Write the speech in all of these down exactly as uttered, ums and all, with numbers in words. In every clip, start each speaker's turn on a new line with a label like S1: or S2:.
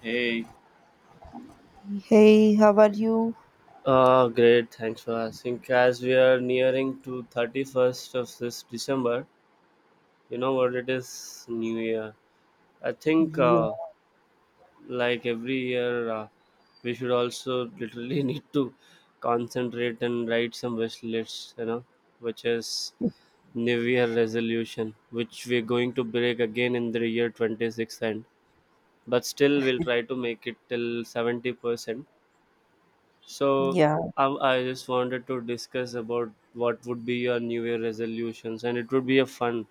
S1: Hey.
S2: Hey, how are you?
S1: Uh, great, thanks for asking. As we are nearing to thirty-first of this December, you know what it is, New Year. I think
S2: Yeah,
S1: uh, like every year, uh, we should also literally need to concentrate and write some wish lists, you know, which is New Year resolution, which we're going to break again in the year twenty-sixth end. But still, we'll try to make it till seventy percent. So
S2: yeah,
S1: I, I just wanted to discuss about what would be your New Year resolutions, and it would be a fun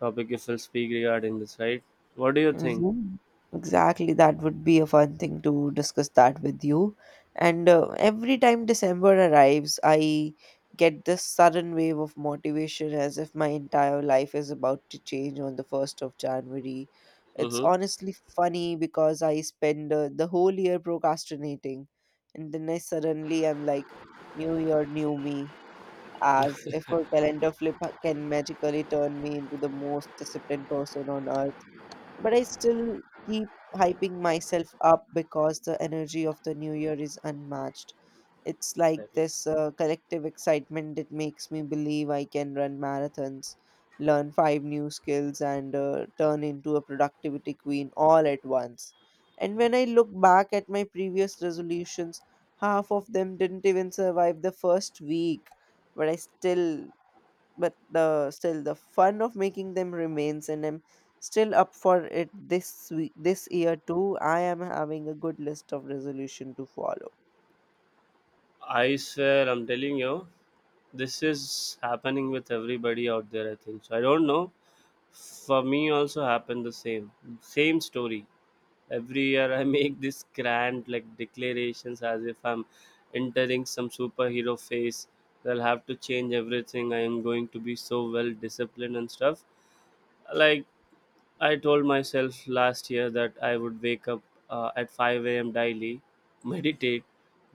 S1: topic if we'll speak regarding this, right? What do you think?
S2: mhm. Exactly. That would be a fun thing to discuss that with you. And uh, every time December arrives, I get this sudden wave of motivation as if my entire life is about to change on the first of January. It's
S1: Mm-hmm.
S2: honestly funny because I spend uh, the whole year procrastinating, and then I suddenly am like, New Year, new me, as if a calendar flip ha- can magically turn me into the most disciplined person on earth, but I still keep hyping myself up because the energy of the new year is unmatched. It's like
S1: Exactly.
S2: this uh, collective excitement that makes me believe I can run marathons, learn five new skills, and uh, turn into a productivity queen all at once. And when I look back at my previous resolutions, half of them didn't even survive the first week, but I still but the still the fun of making them remains, and I'm still up for it. This week, this year too, I am having a good list of resolution to follow.
S1: I swear, I'm telling you, this is happening with everybody out there. I think so. I don't know. For me, also happened the same, same story. Every year I make this grand like declarations as if I'm entering some superhero phase. I'll have to change everything. I am going to be so well disciplined and stuff, like, I told myself last year that I would wake up uh, at five a.m daily meditate,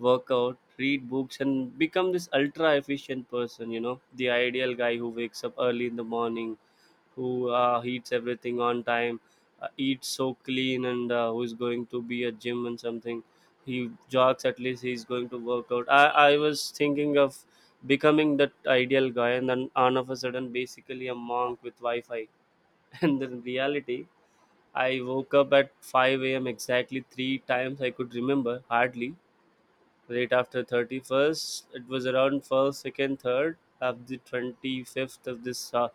S1: work out, read books, and become this ultra efficient person, you know the ideal guy who wakes up early in the morning, who uh, eats everything on time, uh, eats so clean, and uh, who is going to be a gym and something. He jogs at least. He's going to work out. I I was thinking of becoming that ideal guy, and then all of a sudden, basically a monk with Wi-Fi. And in reality, I woke up at five a m exactly three times I could remember, hardly. Right after thirty-first, it was around first, second, third of the twenty-fifth of this uh,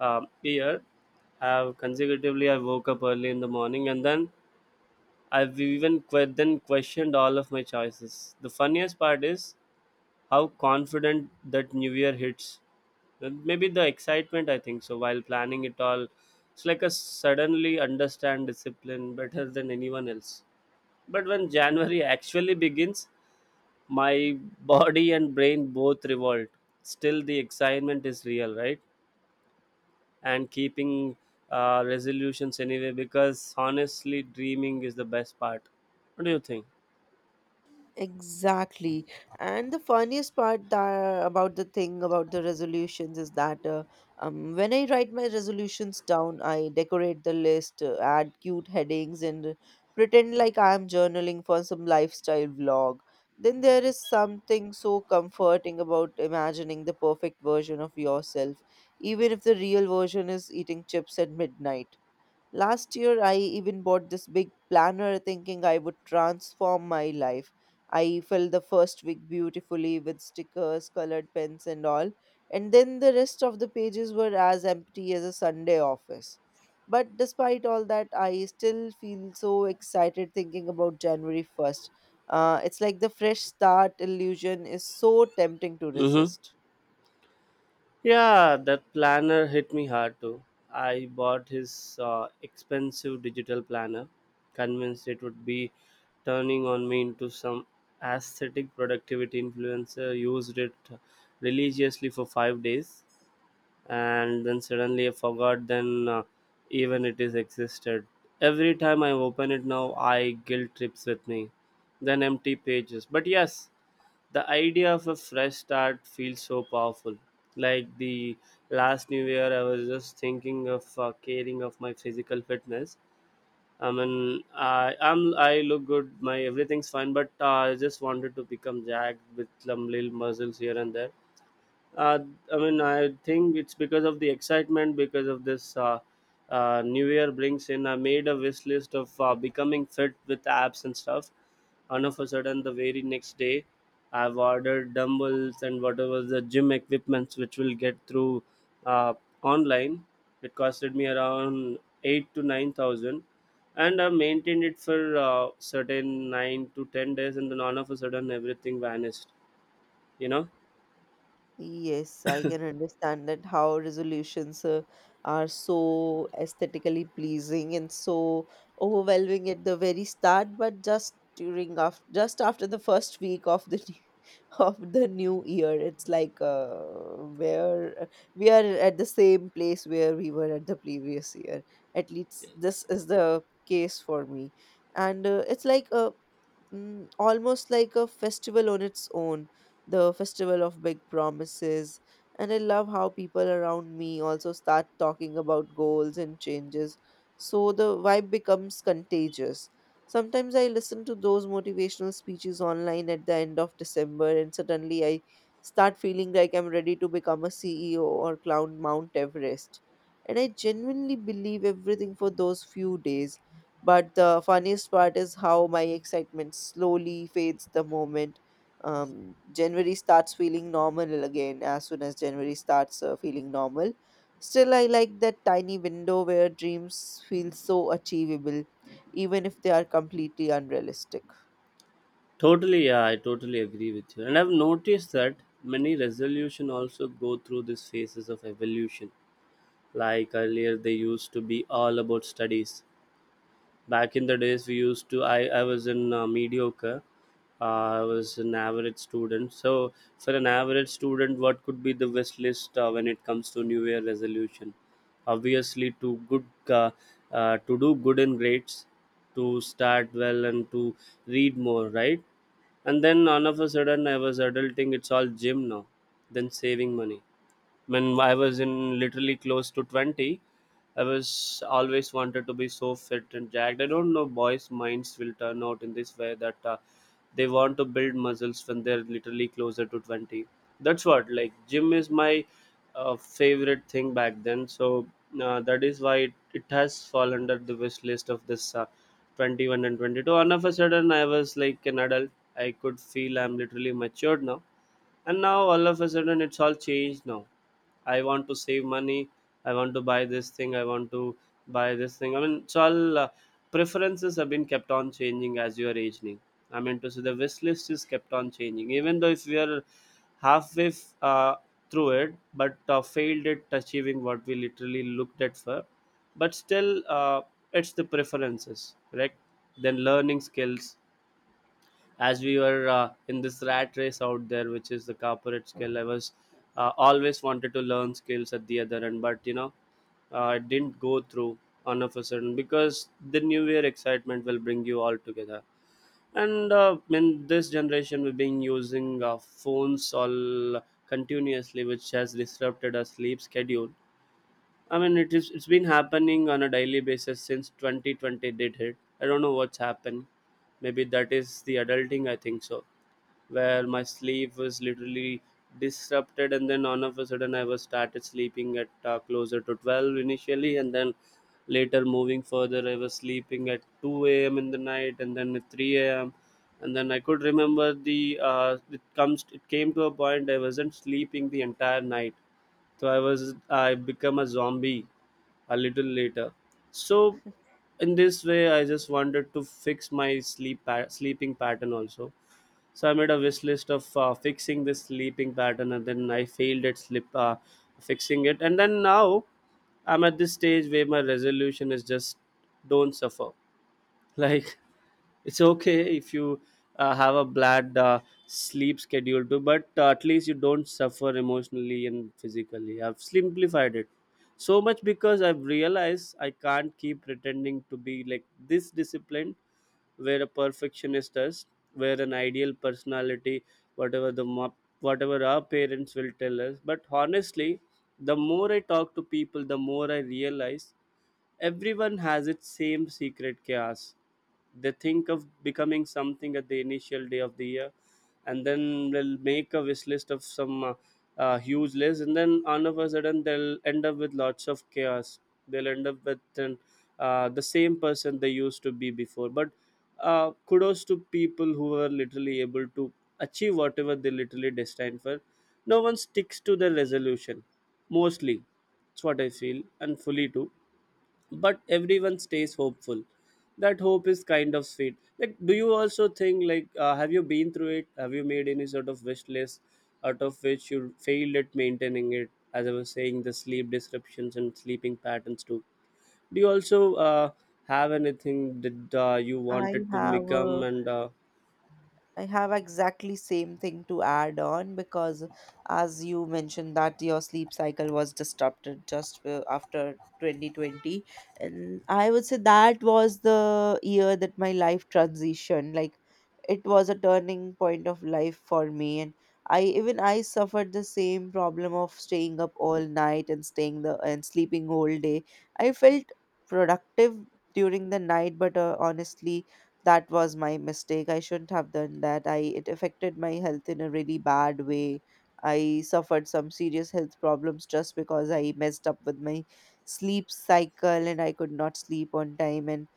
S1: um year. Have consecutively, I woke up early in the morning, and then I've even que- then questioned all of my choices. The funniest part is how confident that New Year hits. Uh, Maybe the excitement, I think so, while planning it all. It's like a suddenly understand discipline better than anyone else. But when January actually begins, my body and brain both revolt. Still the excitement is real, right? And keeping uh, resolutions anyway, because honestly dreaming is the best part. What do you think?
S2: Exactly. And the funniest part that, about the thing about the resolutions is that uh, um, when I write my resolutions down, I decorate the list, uh, add cute headings, and pretend like I am journaling for some lifestyle vlog. Then there is something so comforting about imagining the perfect version of yourself, even if the real version is eating chips at midnight. Last year, I even bought this big planner thinking I would transform my life. I filled the first week beautifully with stickers, colored pens, and all, and then the rest of the pages were as empty as a Sunday office. But despite all that, I still feel so excited thinking about January first. Uh, it's like the fresh start illusion is so tempting to
S1: Mm-hmm.
S2: resist.
S1: Yeah, that planner hit me hard too. I bought his uh, expensive digital planner, convinced it would be turning on me into some aesthetic productivity influencer. Used it religiously for five days, and then suddenly I forgot then uh, even it is existed. Every time I open it now, I guilt trips with me, then empty pages. But yes, the idea of a fresh start feels so powerful. Like the last New Year, I was just thinking of uh, caring of my physical fitness. I mean, I am I look good. My everything's fine, but uh, I just wanted to become jacked with some little muscles here and there. uh, I mean, I think it's because of the excitement, because of this uh, uh, New Year brings in. I made a wish list of uh, becoming fit with apps and stuff. And of a sudden, the very next day, I've ordered dumbbells and whatever the gym equipments which will get through uh, online. It costed me around eight to nine thousand, and I maintained it for uh, certain nine to ten days, and then all of a sudden, everything vanished. You know.
S2: Yes, I can understand that how resolutions uh, are so aesthetically pleasing and so overwhelming at the very start, but just during after just after the first week of the new- of the new year, it's like uh, where we are at the same place where we were at the previous year. At least this is the case for me, and uh, it's like a mm, almost like a festival on its own, the festival of big promises. And I love how people around me also start talking about goals and changes, so the vibe becomes contagious. Sometimes I listen to those motivational speeches online at the end of December, and suddenly I start feeling like I'm ready to become a C E O or climb Mount Everest. And I genuinely believe everything for those few days. But the funniest part is how my excitement slowly fades the moment um, January starts feeling normal again as soon as January starts uh, feeling normal. Still, I like that tiny window where dreams feel so achievable, even if they are completely unrealistic.
S1: Totally, yeah, I totally agree with you. And I've noticed that many resolution also go through these phases of evolution. Like earlier, they used to be all about studies. Back in the days, we used to, I, I was in uh, mediocre, uh, I was an average student. So, for an average student, what could be the wish list uh, when it comes to New Year resolution? Obviously, to good, uh, uh, to do good in grades, to start well, and to read more, right? And then all of a sudden, I was adulting. It's all gym now, then saving money. When I was in literally close to twenty, I was always wanted to be so fit and jacked. I don't know, boys' minds will turn out in this way that uh, they want to build muscles when they're literally closer to twenty. That's what, like, gym is my uh, favorite thing back then. So uh, that is why it, it has fallen under the wish list of this uh, twenty-one and twenty-two. And of a sudden, I was like an adult. I could feel I'm literally matured now. And now all of a sudden, it's all changed now. I want to save money. I want to buy this thing. I want to buy this thing. I mean, so all uh, preferences have been kept on changing as you are aging. I mean to say the wish list is kept on changing, even though if we are halfway f- uh, through it, but uh, failed at achieving what we literally looked at for. But still, uh, it's the preferences, correct? Then learning skills, as we were uh, in this rat race out there which is the corporate skill. I was uh, always wanted to learn skills at the other end, but you know uh, it didn't go through on of a sudden, because the new year excitement will bring you all together, and uh, in this generation we've been using uh, phones all continuously, which has disrupted our sleep schedule. I mean, it is it's been happening on a daily basis since twenty twenty did hit. I don't know what's happened. Maybe that is the adulting, I think so, where my sleep was literally disrupted, and then all of a sudden I was started sleeping at uh, closer to twelve initially, and then later moving further I was sleeping at two a m in the night, and then at three a m. And then I could remember, the uh, it comes it came to a point I wasn't sleeping the entire night. So i was i become a zombie a little later. So in this way I just wanted to fix my sleep pa- sleeping pattern also. So I made a wish list of uh, fixing this sleeping pattern, and then I failed at sleep uh, fixing it, and then now I'm at this stage where my resolution is just don't suffer. Like, it's okay if you uh, have a bad uh, sleep schedule too, but uh, at least you don't suffer emotionally and physically. I've simplified it so much, because I've realized I can't keep pretending to be like this disciplined, where a perfectionist is, where an ideal personality, whatever the mo- whatever our parents will tell us. But honestly, the more I talk to people, the more I realize, everyone has its same secret chaos. They think of becoming something at the initial day of the year, and then they'll make a wish list of some uh, uh, huge list, and then all of a sudden they'll end up with lots of chaos. They'll end up with an, uh, the same person they used to be before. But uh, kudos to people who are literally able to achieve whatever they literally destined for. No one sticks to their resolution, mostly. That's what I feel, and fully too. But everyone stays hopeful, that hope is kind of sweet. Like, do you also think, like, uh, have you been through it, have you made any sort of wish list out of which you failed at maintaining it? As I was saying, the sleep disruptions and sleeping patterns too. Do you also uh, have anything that uh, you
S2: I
S1: wanted to
S2: have
S1: become,
S2: a
S1: and uh,
S2: I have exactly same thing to add on, because as you mentioned that your sleep cycle was disrupted just uh, after twenty twenty, and I would say that was the year that my life transitioned. Like, it was a turning point of life for me, and I even I suffered the same problem of staying up all night and staying the and sleeping whole day. I felt productive during the night, but uh, honestly, that was my mistake. I shouldn't have done that. I It affected my health in a really bad way. I suffered some serious health problems just because I messed up with my sleep cycle and I could not sleep on time, and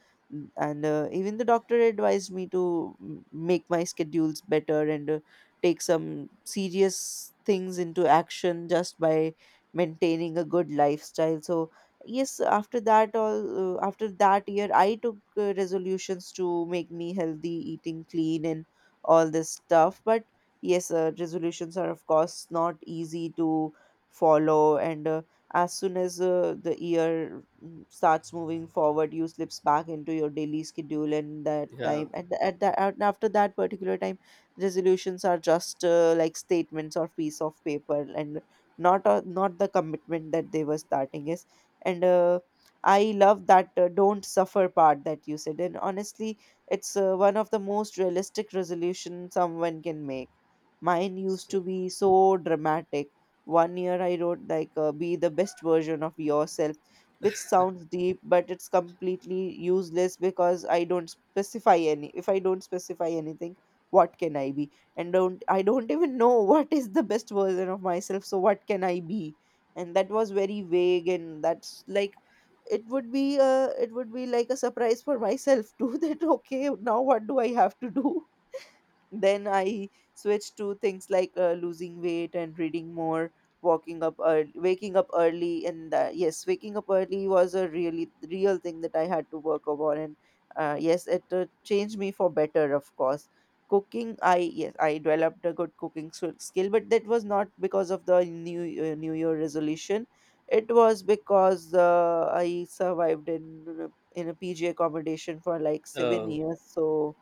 S2: and uh, even the doctor advised me to m- make my schedules better and uh, take some serious things into action just by maintaining a good lifestyle. So yes, after that all uh, after that year, I took uh, resolutions to make me healthy, eating clean and all this stuff. But yes, uh, resolutions are of course not easy to follow, and uh, as soon as uh, the year mm, starts moving forward, you slips back into your daily schedule, and that
S1: yeah?
S2: time at, the, at that at, after that particular time, resolutions are just uh, like statements or piece of paper and not a, not the commitment that they were starting. And uh, I love that uh, don't suffer part that you said, and honestly, it's uh, one of the most realistic resolution someone can make. Mine used to be so dramatic. One year I wrote like uh, be the best version of yourself, which sounds deep but it's completely useless because i don't specify any if I don't specify anything, what can I be? And don't I don't even know what is the best version of myself, so what can I be? And that was very vague, and that's like it would be uh it would be like a surprise for myself too that okay, now what do I have to do? Then I switched to things like uh, losing weight and reading more, walking up early, waking up early. And uh, yes, waking up early was a really real thing that I had to work upon. And uh, yes, it uh, changed me for better, of course. Cooking, i yes I developed a good cooking sk- skill, but that was not because of the new uh, new year resolution. It was because uh, I survived in uh, in a pg accommodation for like seven
S1: Oh,
S2: years. So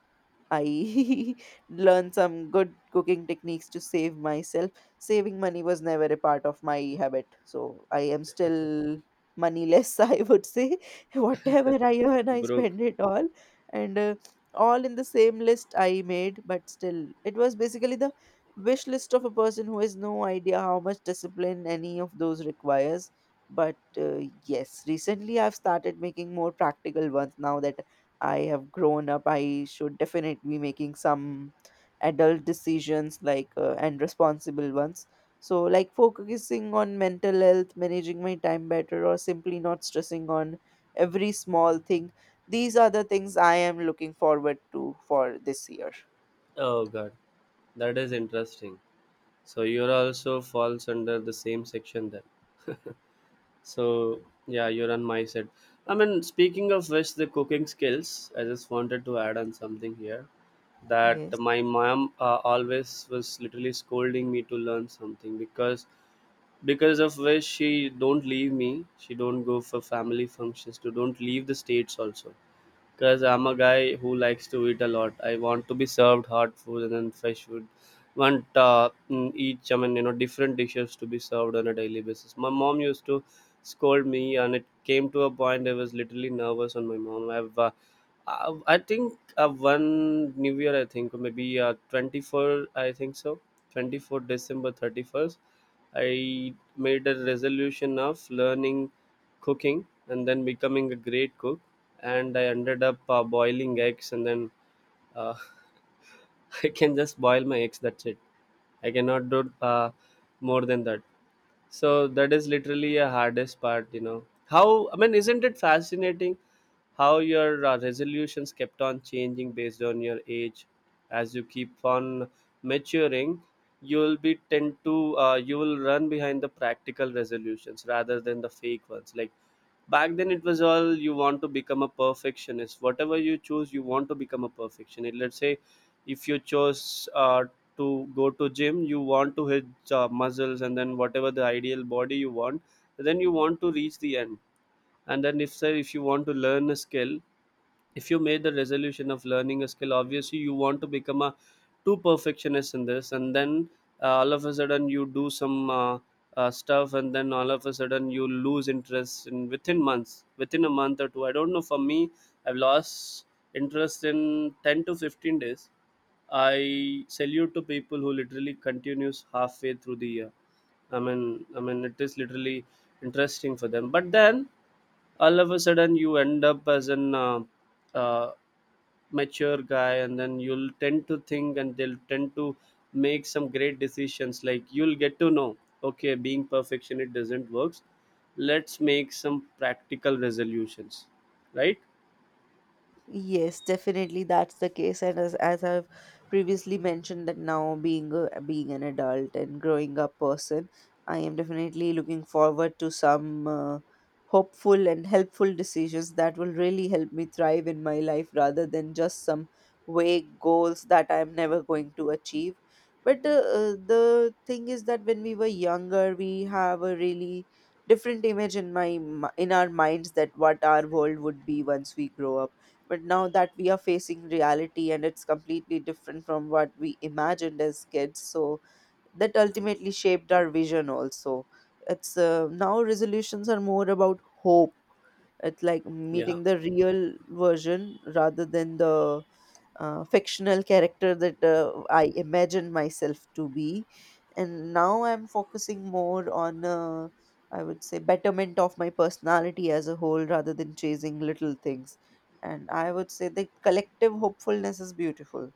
S2: I learned some good cooking techniques to save myself. Saving money was never a part of my habit, so I am still moneyless, I would say. Whatever I earn, I
S1: Brooke.
S2: spend it all, and uh, all in the same list I made. But still, it was basically the wish list of a person who has no idea how much discipline any of those requires. But uh, yes, recently I've started making more practical ones. Now that I have grown up, I should definitely be making some adult decisions, like uh, and responsible ones. So like focusing on mental health, managing my time better, or simply not stressing on every small thing. These are the things I am looking forward to for this year.
S1: Oh god, that is interesting. So you're also falls under the same section then. So yeah, you're on my side. I mean, speaking of which, the cooking skills. I just wanted to add on something here, that
S2: Yes.
S1: my mom uh, always was literally scolding me to learn something, because because of which she don't leave me. She don't go for family functions. To don't leave the states also. Because I'm a guy who likes to eat a lot. I want to be served hot food and then fresh food. Want uh, mm, each, I mean, you know, different dishes to be served on a daily basis. My mom used to scold me, and it came to a point I was literally nervous on my mom. I've, uh, I I think uh, one New Year, I think, or maybe uh, twenty-four, I think so, twenty-four December thirty-first. I made a resolution of learning cooking and then becoming a great cook, and I ended up uh, boiling eggs, and then uh, I can just boil my eggs. That's it. I cannot do uh, more than that. So that is literally a hardest part, you know. How I mean, isn't it fascinating how your uh, resolutions kept on changing based on your age? As you keep on maturing, you will be tend to uh, you will run behind the practical resolutions rather than the fake ones. Like back then it was all you want to become a perfectionist, whatever you choose you want to become a perfectionist. Let's say if you chose uh, to go to gym, you want to hit uh, muscles and then whatever the ideal body you want, then you want to reach the end. And then if say if you want to learn a skill, if you made the resolution of learning a skill, obviously you want to become a too perfectionist in this, and then uh, all of a sudden you do some uh, uh, stuff, and then all of a sudden you lose interest in within months, within a month or two. I don't know, for me I've lost interest in ten to fifteen days. I salute to people who literally continues halfway through the year. I mean, I mean, it is literally interesting for them. But then all of a sudden, you end up as an uh, uh, mature guy, and then you'll tend to think and they'll tend to make some great decisions. Like you'll get to know, okay, being perfectionist doesn't works, let's make some practical resolutions, right?
S2: Yes, definitely that's the case. And as, as I've previously mentioned that now being a, being an adult and growing up person, I am definitely looking forward to some uh, hopeful and helpful decisions that will really help me thrive in my life rather than just some vague goals that I'm never going to achieve. But the uh, the thing is that when we were younger, we have a really different image in my mi- in our minds that what our world would be once we grow up. But now that we are facing reality and it's completely different from what we imagined as kids, so that ultimately shaped our vision also. It's uh, now resolutions are more about hope. It's like
S1: Yeah.
S2: meeting the real version rather than the uh, fictional character that uh, I imagine myself to be. And now I'm focusing more on, uh, I would say, betterment of my personality as a whole rather than chasing little things. And I would say the collective hopefulness is beautiful.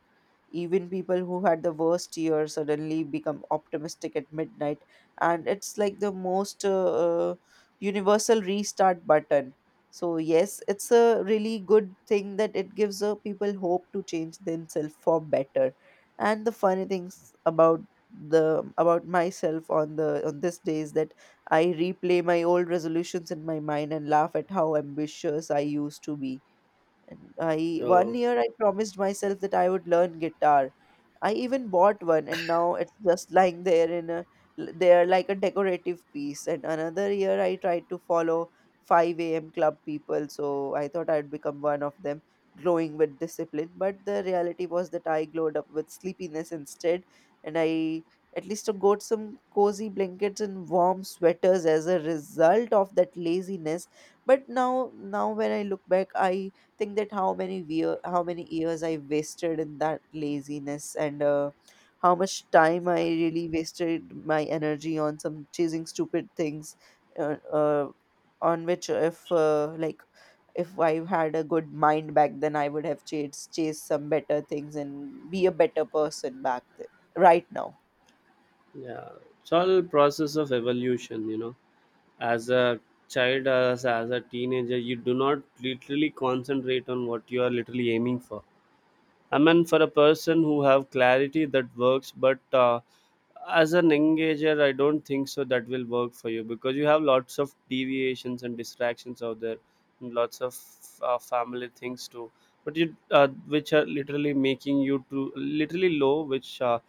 S2: Even people who had the worst year suddenly become optimistic at midnight, and it's like the most uh, uh, universal restart button. So yes, it's a really good thing that it gives uh, people hope to change themselves for better. And the funny things about the about myself on the on this day is that I replay my old resolutions in my mind and laugh at how ambitious I used to be. And I One
S1: uh,
S2: year I promised myself that I would learn guitar. I even bought one and now it's just lying there in a l- there like a decorative piece. And another year I tried to follow five a m club people, so I thought I'd become one of them, glowing with discipline. But the reality was that I glowed up with sleepiness instead, and I at least got some cozy blankets and warm sweaters as a result of that laziness. But now now when I look back, I think that how many year, how many years I wasted in that laziness, and uh, how much time I really wasted my energy on some chasing stupid things, uh, uh, on which if uh, like if I had a good mind back then, I would have chased chased some better things and be a better person back then, right now.
S1: yeah, it's all process of evolution, you know. As a child, as, as a teenager you do not literally concentrate on what you are literally aiming for. I mean, for a person who have clarity that works, but uh, as an engager, I don't think so that will work for you, because you have lots of deviations and distractions out there, and lots of uh, family things too. But you, uh, which are literally making you to literally low, which uh,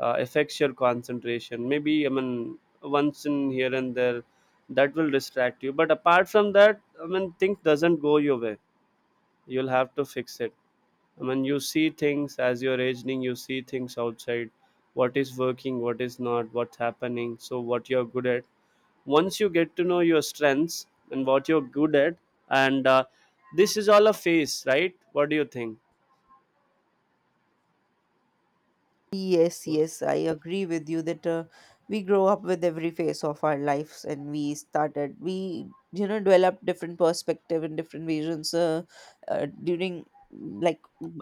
S1: uh, affects your concentration. Maybe I mean once in here and there, that will distract you. But apart from that, I mean, things doesn't go your way. You'll have to fix it. When you see things as you're aging, you see things outside, what is working, what is not, what's happening, so what you're good at. Once you get to know your strengths and what you're good at, and uh, this is all a phase, right? What do you think?
S2: Yes, yes, I agree with you that uh, we grow up with every phase of our lives, and we started we you know, develop different perspective and different visions. Uh, uh, during like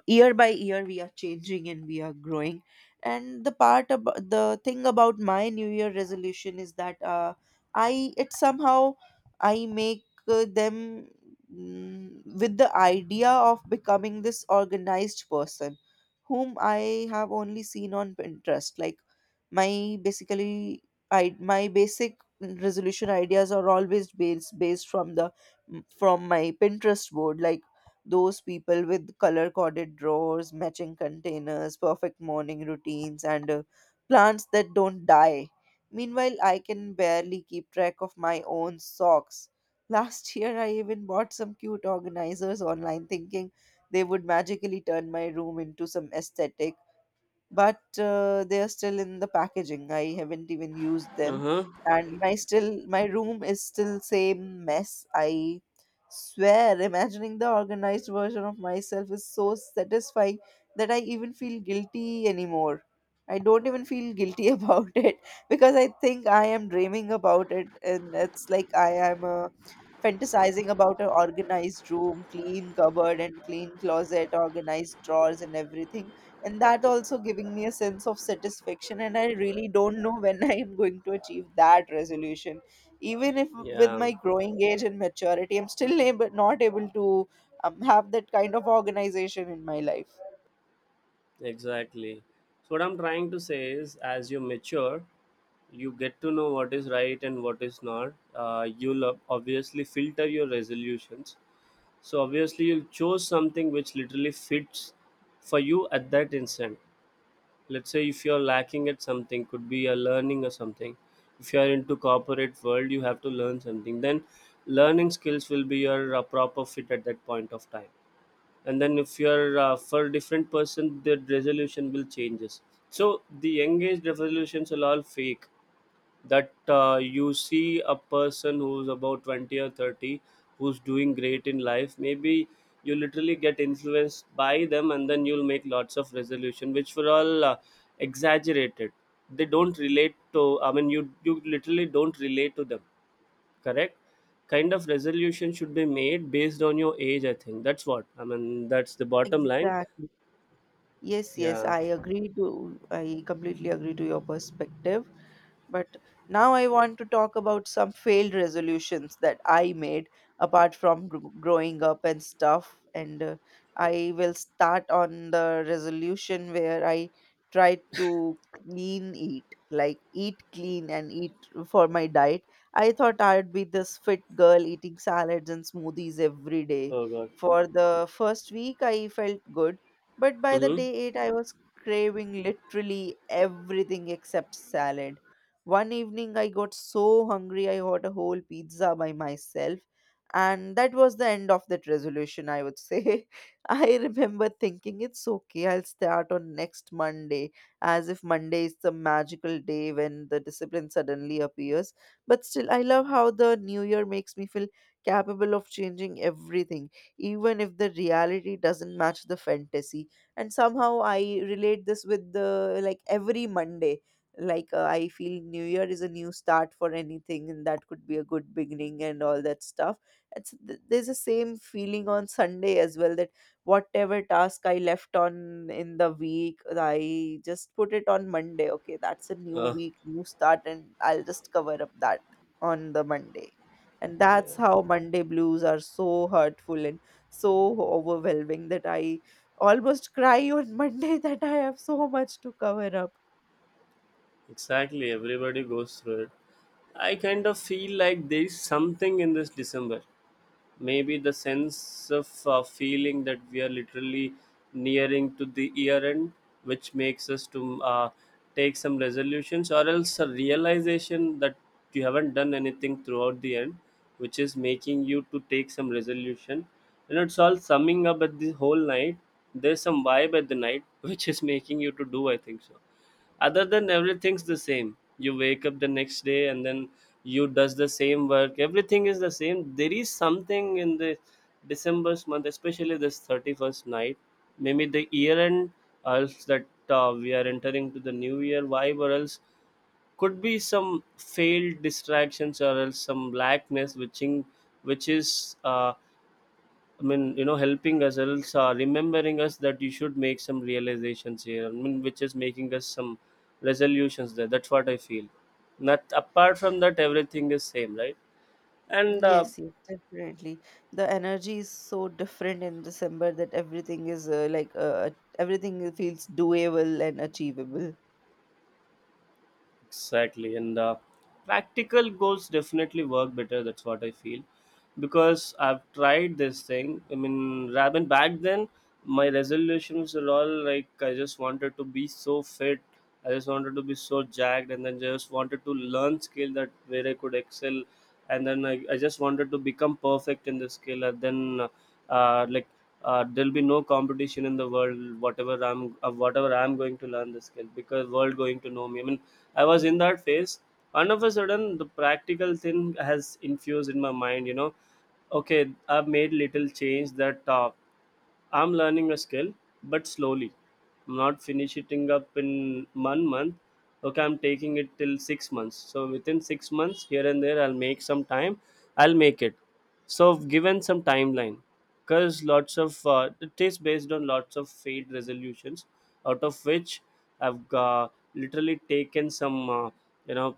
S2: year by year, we are changing and we are growing. And the part about the thing about my New Year resolution is that uh, I it somehow I make uh, them mm, with the idea of becoming this organized person whom I have only seen on Pinterest. Like my basically, I my basic resolution ideas are always based based from the from my Pinterest board. Like those people with color coded drawers, matching containers, perfect morning routines, and uh, plants that don't die. Meanwhile, I can barely keep track of my own socks. Last year, I even bought some cute organizers online thinking they would magically turn my room into some aesthetic, but uh, they are still in the packaging. I haven't even used them,
S1: Uh-huh.
S2: and my still my room is still same mess. I swear, imagining the organized version of myself is so satisfying that I even feel guilty anymore. I don't even feel guilty about it because I think I am dreaming about it, and it's like I am uh, fantasizing about an organized room, clean cupboard, and clean closet, organized drawers, and everything, and that also giving me a sense of satisfaction. And I really don't know when I am going to achieve that resolution, even if with
S1: Yeah.
S2: my growing age and maturity I'm still able, not able to um, have that kind of organization in my life.
S1: Exactly, so what I'm trying to say is, as you mature, you get to know what is right and what is not. Uh, you'll ob- obviously filter your resolutions. So obviously you'll choose something which literally fits for you at that instant. Let's say if you're lacking at something, could be a learning or something. If you're into corporate world, you have to learn something. Then learning skills will be your uh, proper fit at that point of time. And then if you're uh, for different person, the resolution will changes. So the young age resolutions are all fake, that uh, you see a person who's about twenty or thirty, who's doing great in life. Maybe you literally get influenced by them, and then you'll make lots of resolution which were all uh, exaggerated. They don't relate to, I mean, you you literally don't relate to them. Correct kind of resolution should be made based on your age. I think that's what I mean, that's the bottom line.
S2: Exactly. Yes, yes,
S1: Yeah.
S2: I agree to, I completely agree to your perspective. But now I want to talk about some failed resolutions that I made apart from gr- growing up and stuff. And uh, I will start on the resolution where I tried to clean eat, like eat clean and eat for my diet. I thought I'd be this fit girl eating salads and smoothies every day.
S1: Oh god.
S2: For the first week, I felt good, but by the
S1: Mm-hmm.
S2: day eight, I was craving literally everything except salad. One evening, I got so hungry, I got a whole pizza by myself. And that was the end of that resolution, I would say. I remember thinking it's okay, I'll start on next Monday, as if Monday is the magical day when the discipline suddenly appears. But still, I love how the new year makes me feel capable of changing everything, even if the reality doesn't match the fantasy. And somehow I relate this with the like every Monday. Like uh, I feel new year is a new start for anything and that could be a good beginning and all that stuff. It's th- there's the same feeling on Sunday as well, that whatever task I left on in the week I just put it on Monday. Okay, that's a new
S1: uh,
S2: week, new start, and I'll just cover up that on the Monday. And that's
S1: yeah.
S2: how Monday blues are so hurtful and so overwhelming that I almost cry on Monday that I have so much to cover up.
S1: Exactly, everybody goes through it. I kind of feel like there is something in this December. Maybe the sense of uh, feeling that we are literally nearing to the year end, which makes us to uh, take some resolutions, or else a realization that you haven't done anything throughout the end, which is making you to take some resolution. You know, it's all summing up at the whole night. There's some vibe at the night, which is making you to do. I think so other than everything's the same, you wake up the next day and then you does the same work, everything is the same. There is something in the december's month, especially this thirty-first night. Maybe the year end, or else that uh, we are entering to the new year vibe, or else could be some failed distractions or else some blackness which in, which is uh, I mean, you know, helping us else uh, remembering us that you should make some realizations here. I mean, which is making us some resolutions there. That's what I feel. Not apart from that, everything is same, right? And uh,
S2: Yes, yes, definitely. The energy is so different in December that everything is uh, like uh, uh, everything feels doable and achievable.
S1: exactly, and uh, practical goals definitely work better. That's what I feel, because I've tried this thing. I mean, rather than back then, my resolutions were all like I just wanted to be so fit, I just wanted to be so jacked, and then just wanted to learn skill that where I could excel, and then I, I just wanted to become perfect in the skill, and then uh, like uh, there'll be no competition in the world. Whatever I'm, uh, whatever I'm going to learn the skill, because world going to know me. I mean I was in that phase. And of a sudden, the practical thing has infused in my mind. You know, okay, I've made little change that uh, I'm learning a skill, but slowly. I'm not finishing up in one month. Okay, I'm taking it till six months. So within six months, here and there, I'll make some time. I'll make it. So given some timeline, because lots of uh, it is based on lots of failed resolutions, out of which I've uh, literally taken some, uh, you know,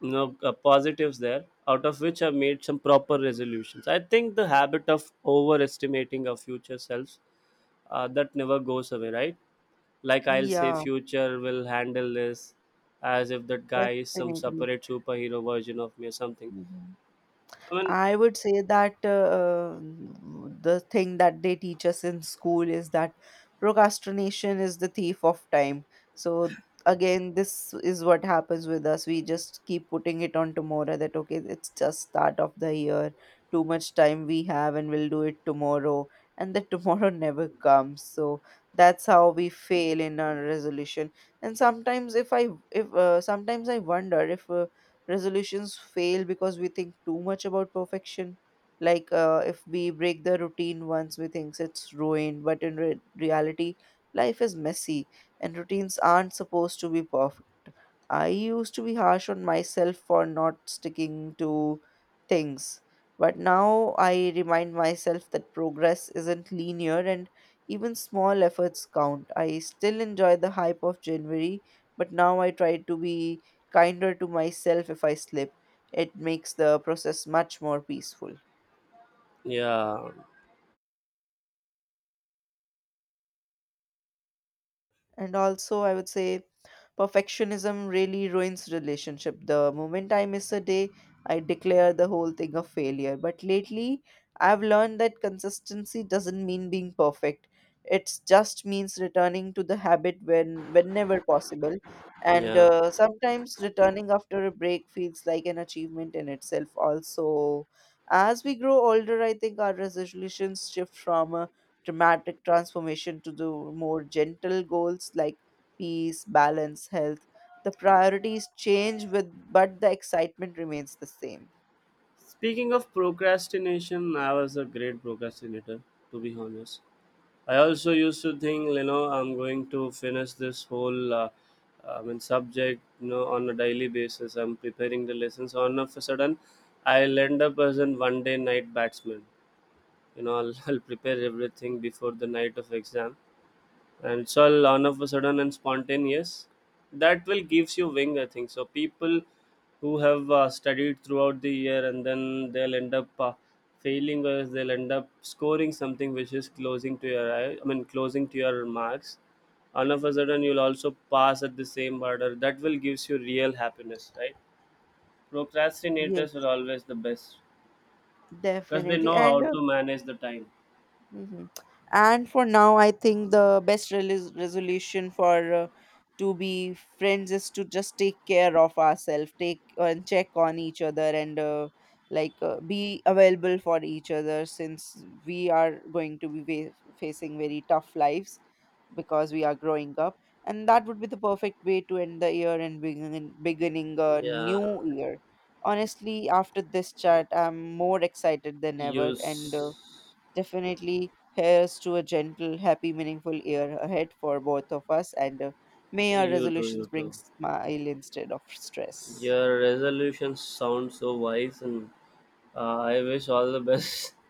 S1: you know, uh, positives there. Out of which I've made some proper resolutions. I think the habit of overestimating our future selves uh, that never goes away, right? Like I'll say,
S2: Yeah,
S1: future will handle this, as if that guy is some
S2: definitely.
S1: separate superhero version of me or something.
S2: Mhm.
S1: I mean,
S2: I would say that uh, the thing that they teach us in school is that procrastination is the thief of time. So again, this is what happens with us. We just keep putting it on tomorrow that okay, it's just start of the year, too much time we have, and we'll do it tomorrow, and the tomorrow never comes. So that's how we fail in our resolution. And sometimes, if I if uh, sometimes I wonder if uh, resolutions fail because we think too much about perfection. Like uh, if we break the routine once, we think it's ruined. But in re- reality, life is messy, and routines aren't supposed to be perfect. I used to be harsh on myself for not sticking to things, but now I remind myself that progress isn't linear and even small efforts count. I still enjoy the hype of January, but now I try to be kinder to myself if I slip. It makes the process much more peaceful.
S1: yeah,
S2: And also, I would say perfectionism really ruins relationship. The moment I miss a day, I declare the whole thing a failure. But lately, I've learned that consistency doesn't mean being perfect. It just means returning to the habit when whenever possible. And
S1: yeah.
S2: uh, sometimes returning after a break feels like an achievement in itself. Also, as we grow older, I think our resolutions shift from a dramatic transformation to the more gentle goals like peace, balance, health. The priorities change with but the excitement remains the same.
S1: Speaking of procrastination, I was a great procrastinator, to be honest. I also used to think, you know, I'm going to finish this whole, uh, uh, I mean, subject, you know, on a daily basis. I'm preparing the lessons. On a sudden, I'll end up as an one-day night batsman, you know. I'll, I'll prepare everything before the night of exam, and so I'll all on of a sudden and spontaneous, that will gives you wing. I think so people who have uh, studied throughout the year, and then they'll end up uh, failing, or else they'll end up scoring something which is closing to your eye, I mean closing to your marks. All of a sudden you'll also pass at the same order, that will gives you real happiness, right? Procrastinators are
S2: Yes,
S1: always the best, because they
S2: definitely.
S1: know how
S2: And uh,
S1: to manage the time.
S2: mhm. And for now, I think the best relis- resolution for uh, to be friends is to just take care of ourselves, take uh, and check on each other, and uh, like uh, be available for each other since we are going to be va- facing very tough lives, because we are growing up. And that would be the perfect way to end the year and begin, beginning a
S1: Yeah.
S2: new year. Honestly, after this chat I'm more excited than ever, and
S1: Use.
S2: uh, definitely, here's to a gentle, happy, meaningful year ahead for both of us. And uh, may our
S1: You too, you
S2: resolutions
S1: too.
S2: bring smile instead of stress.
S1: Your resolutions sound so wise, and uh, I wish all the best.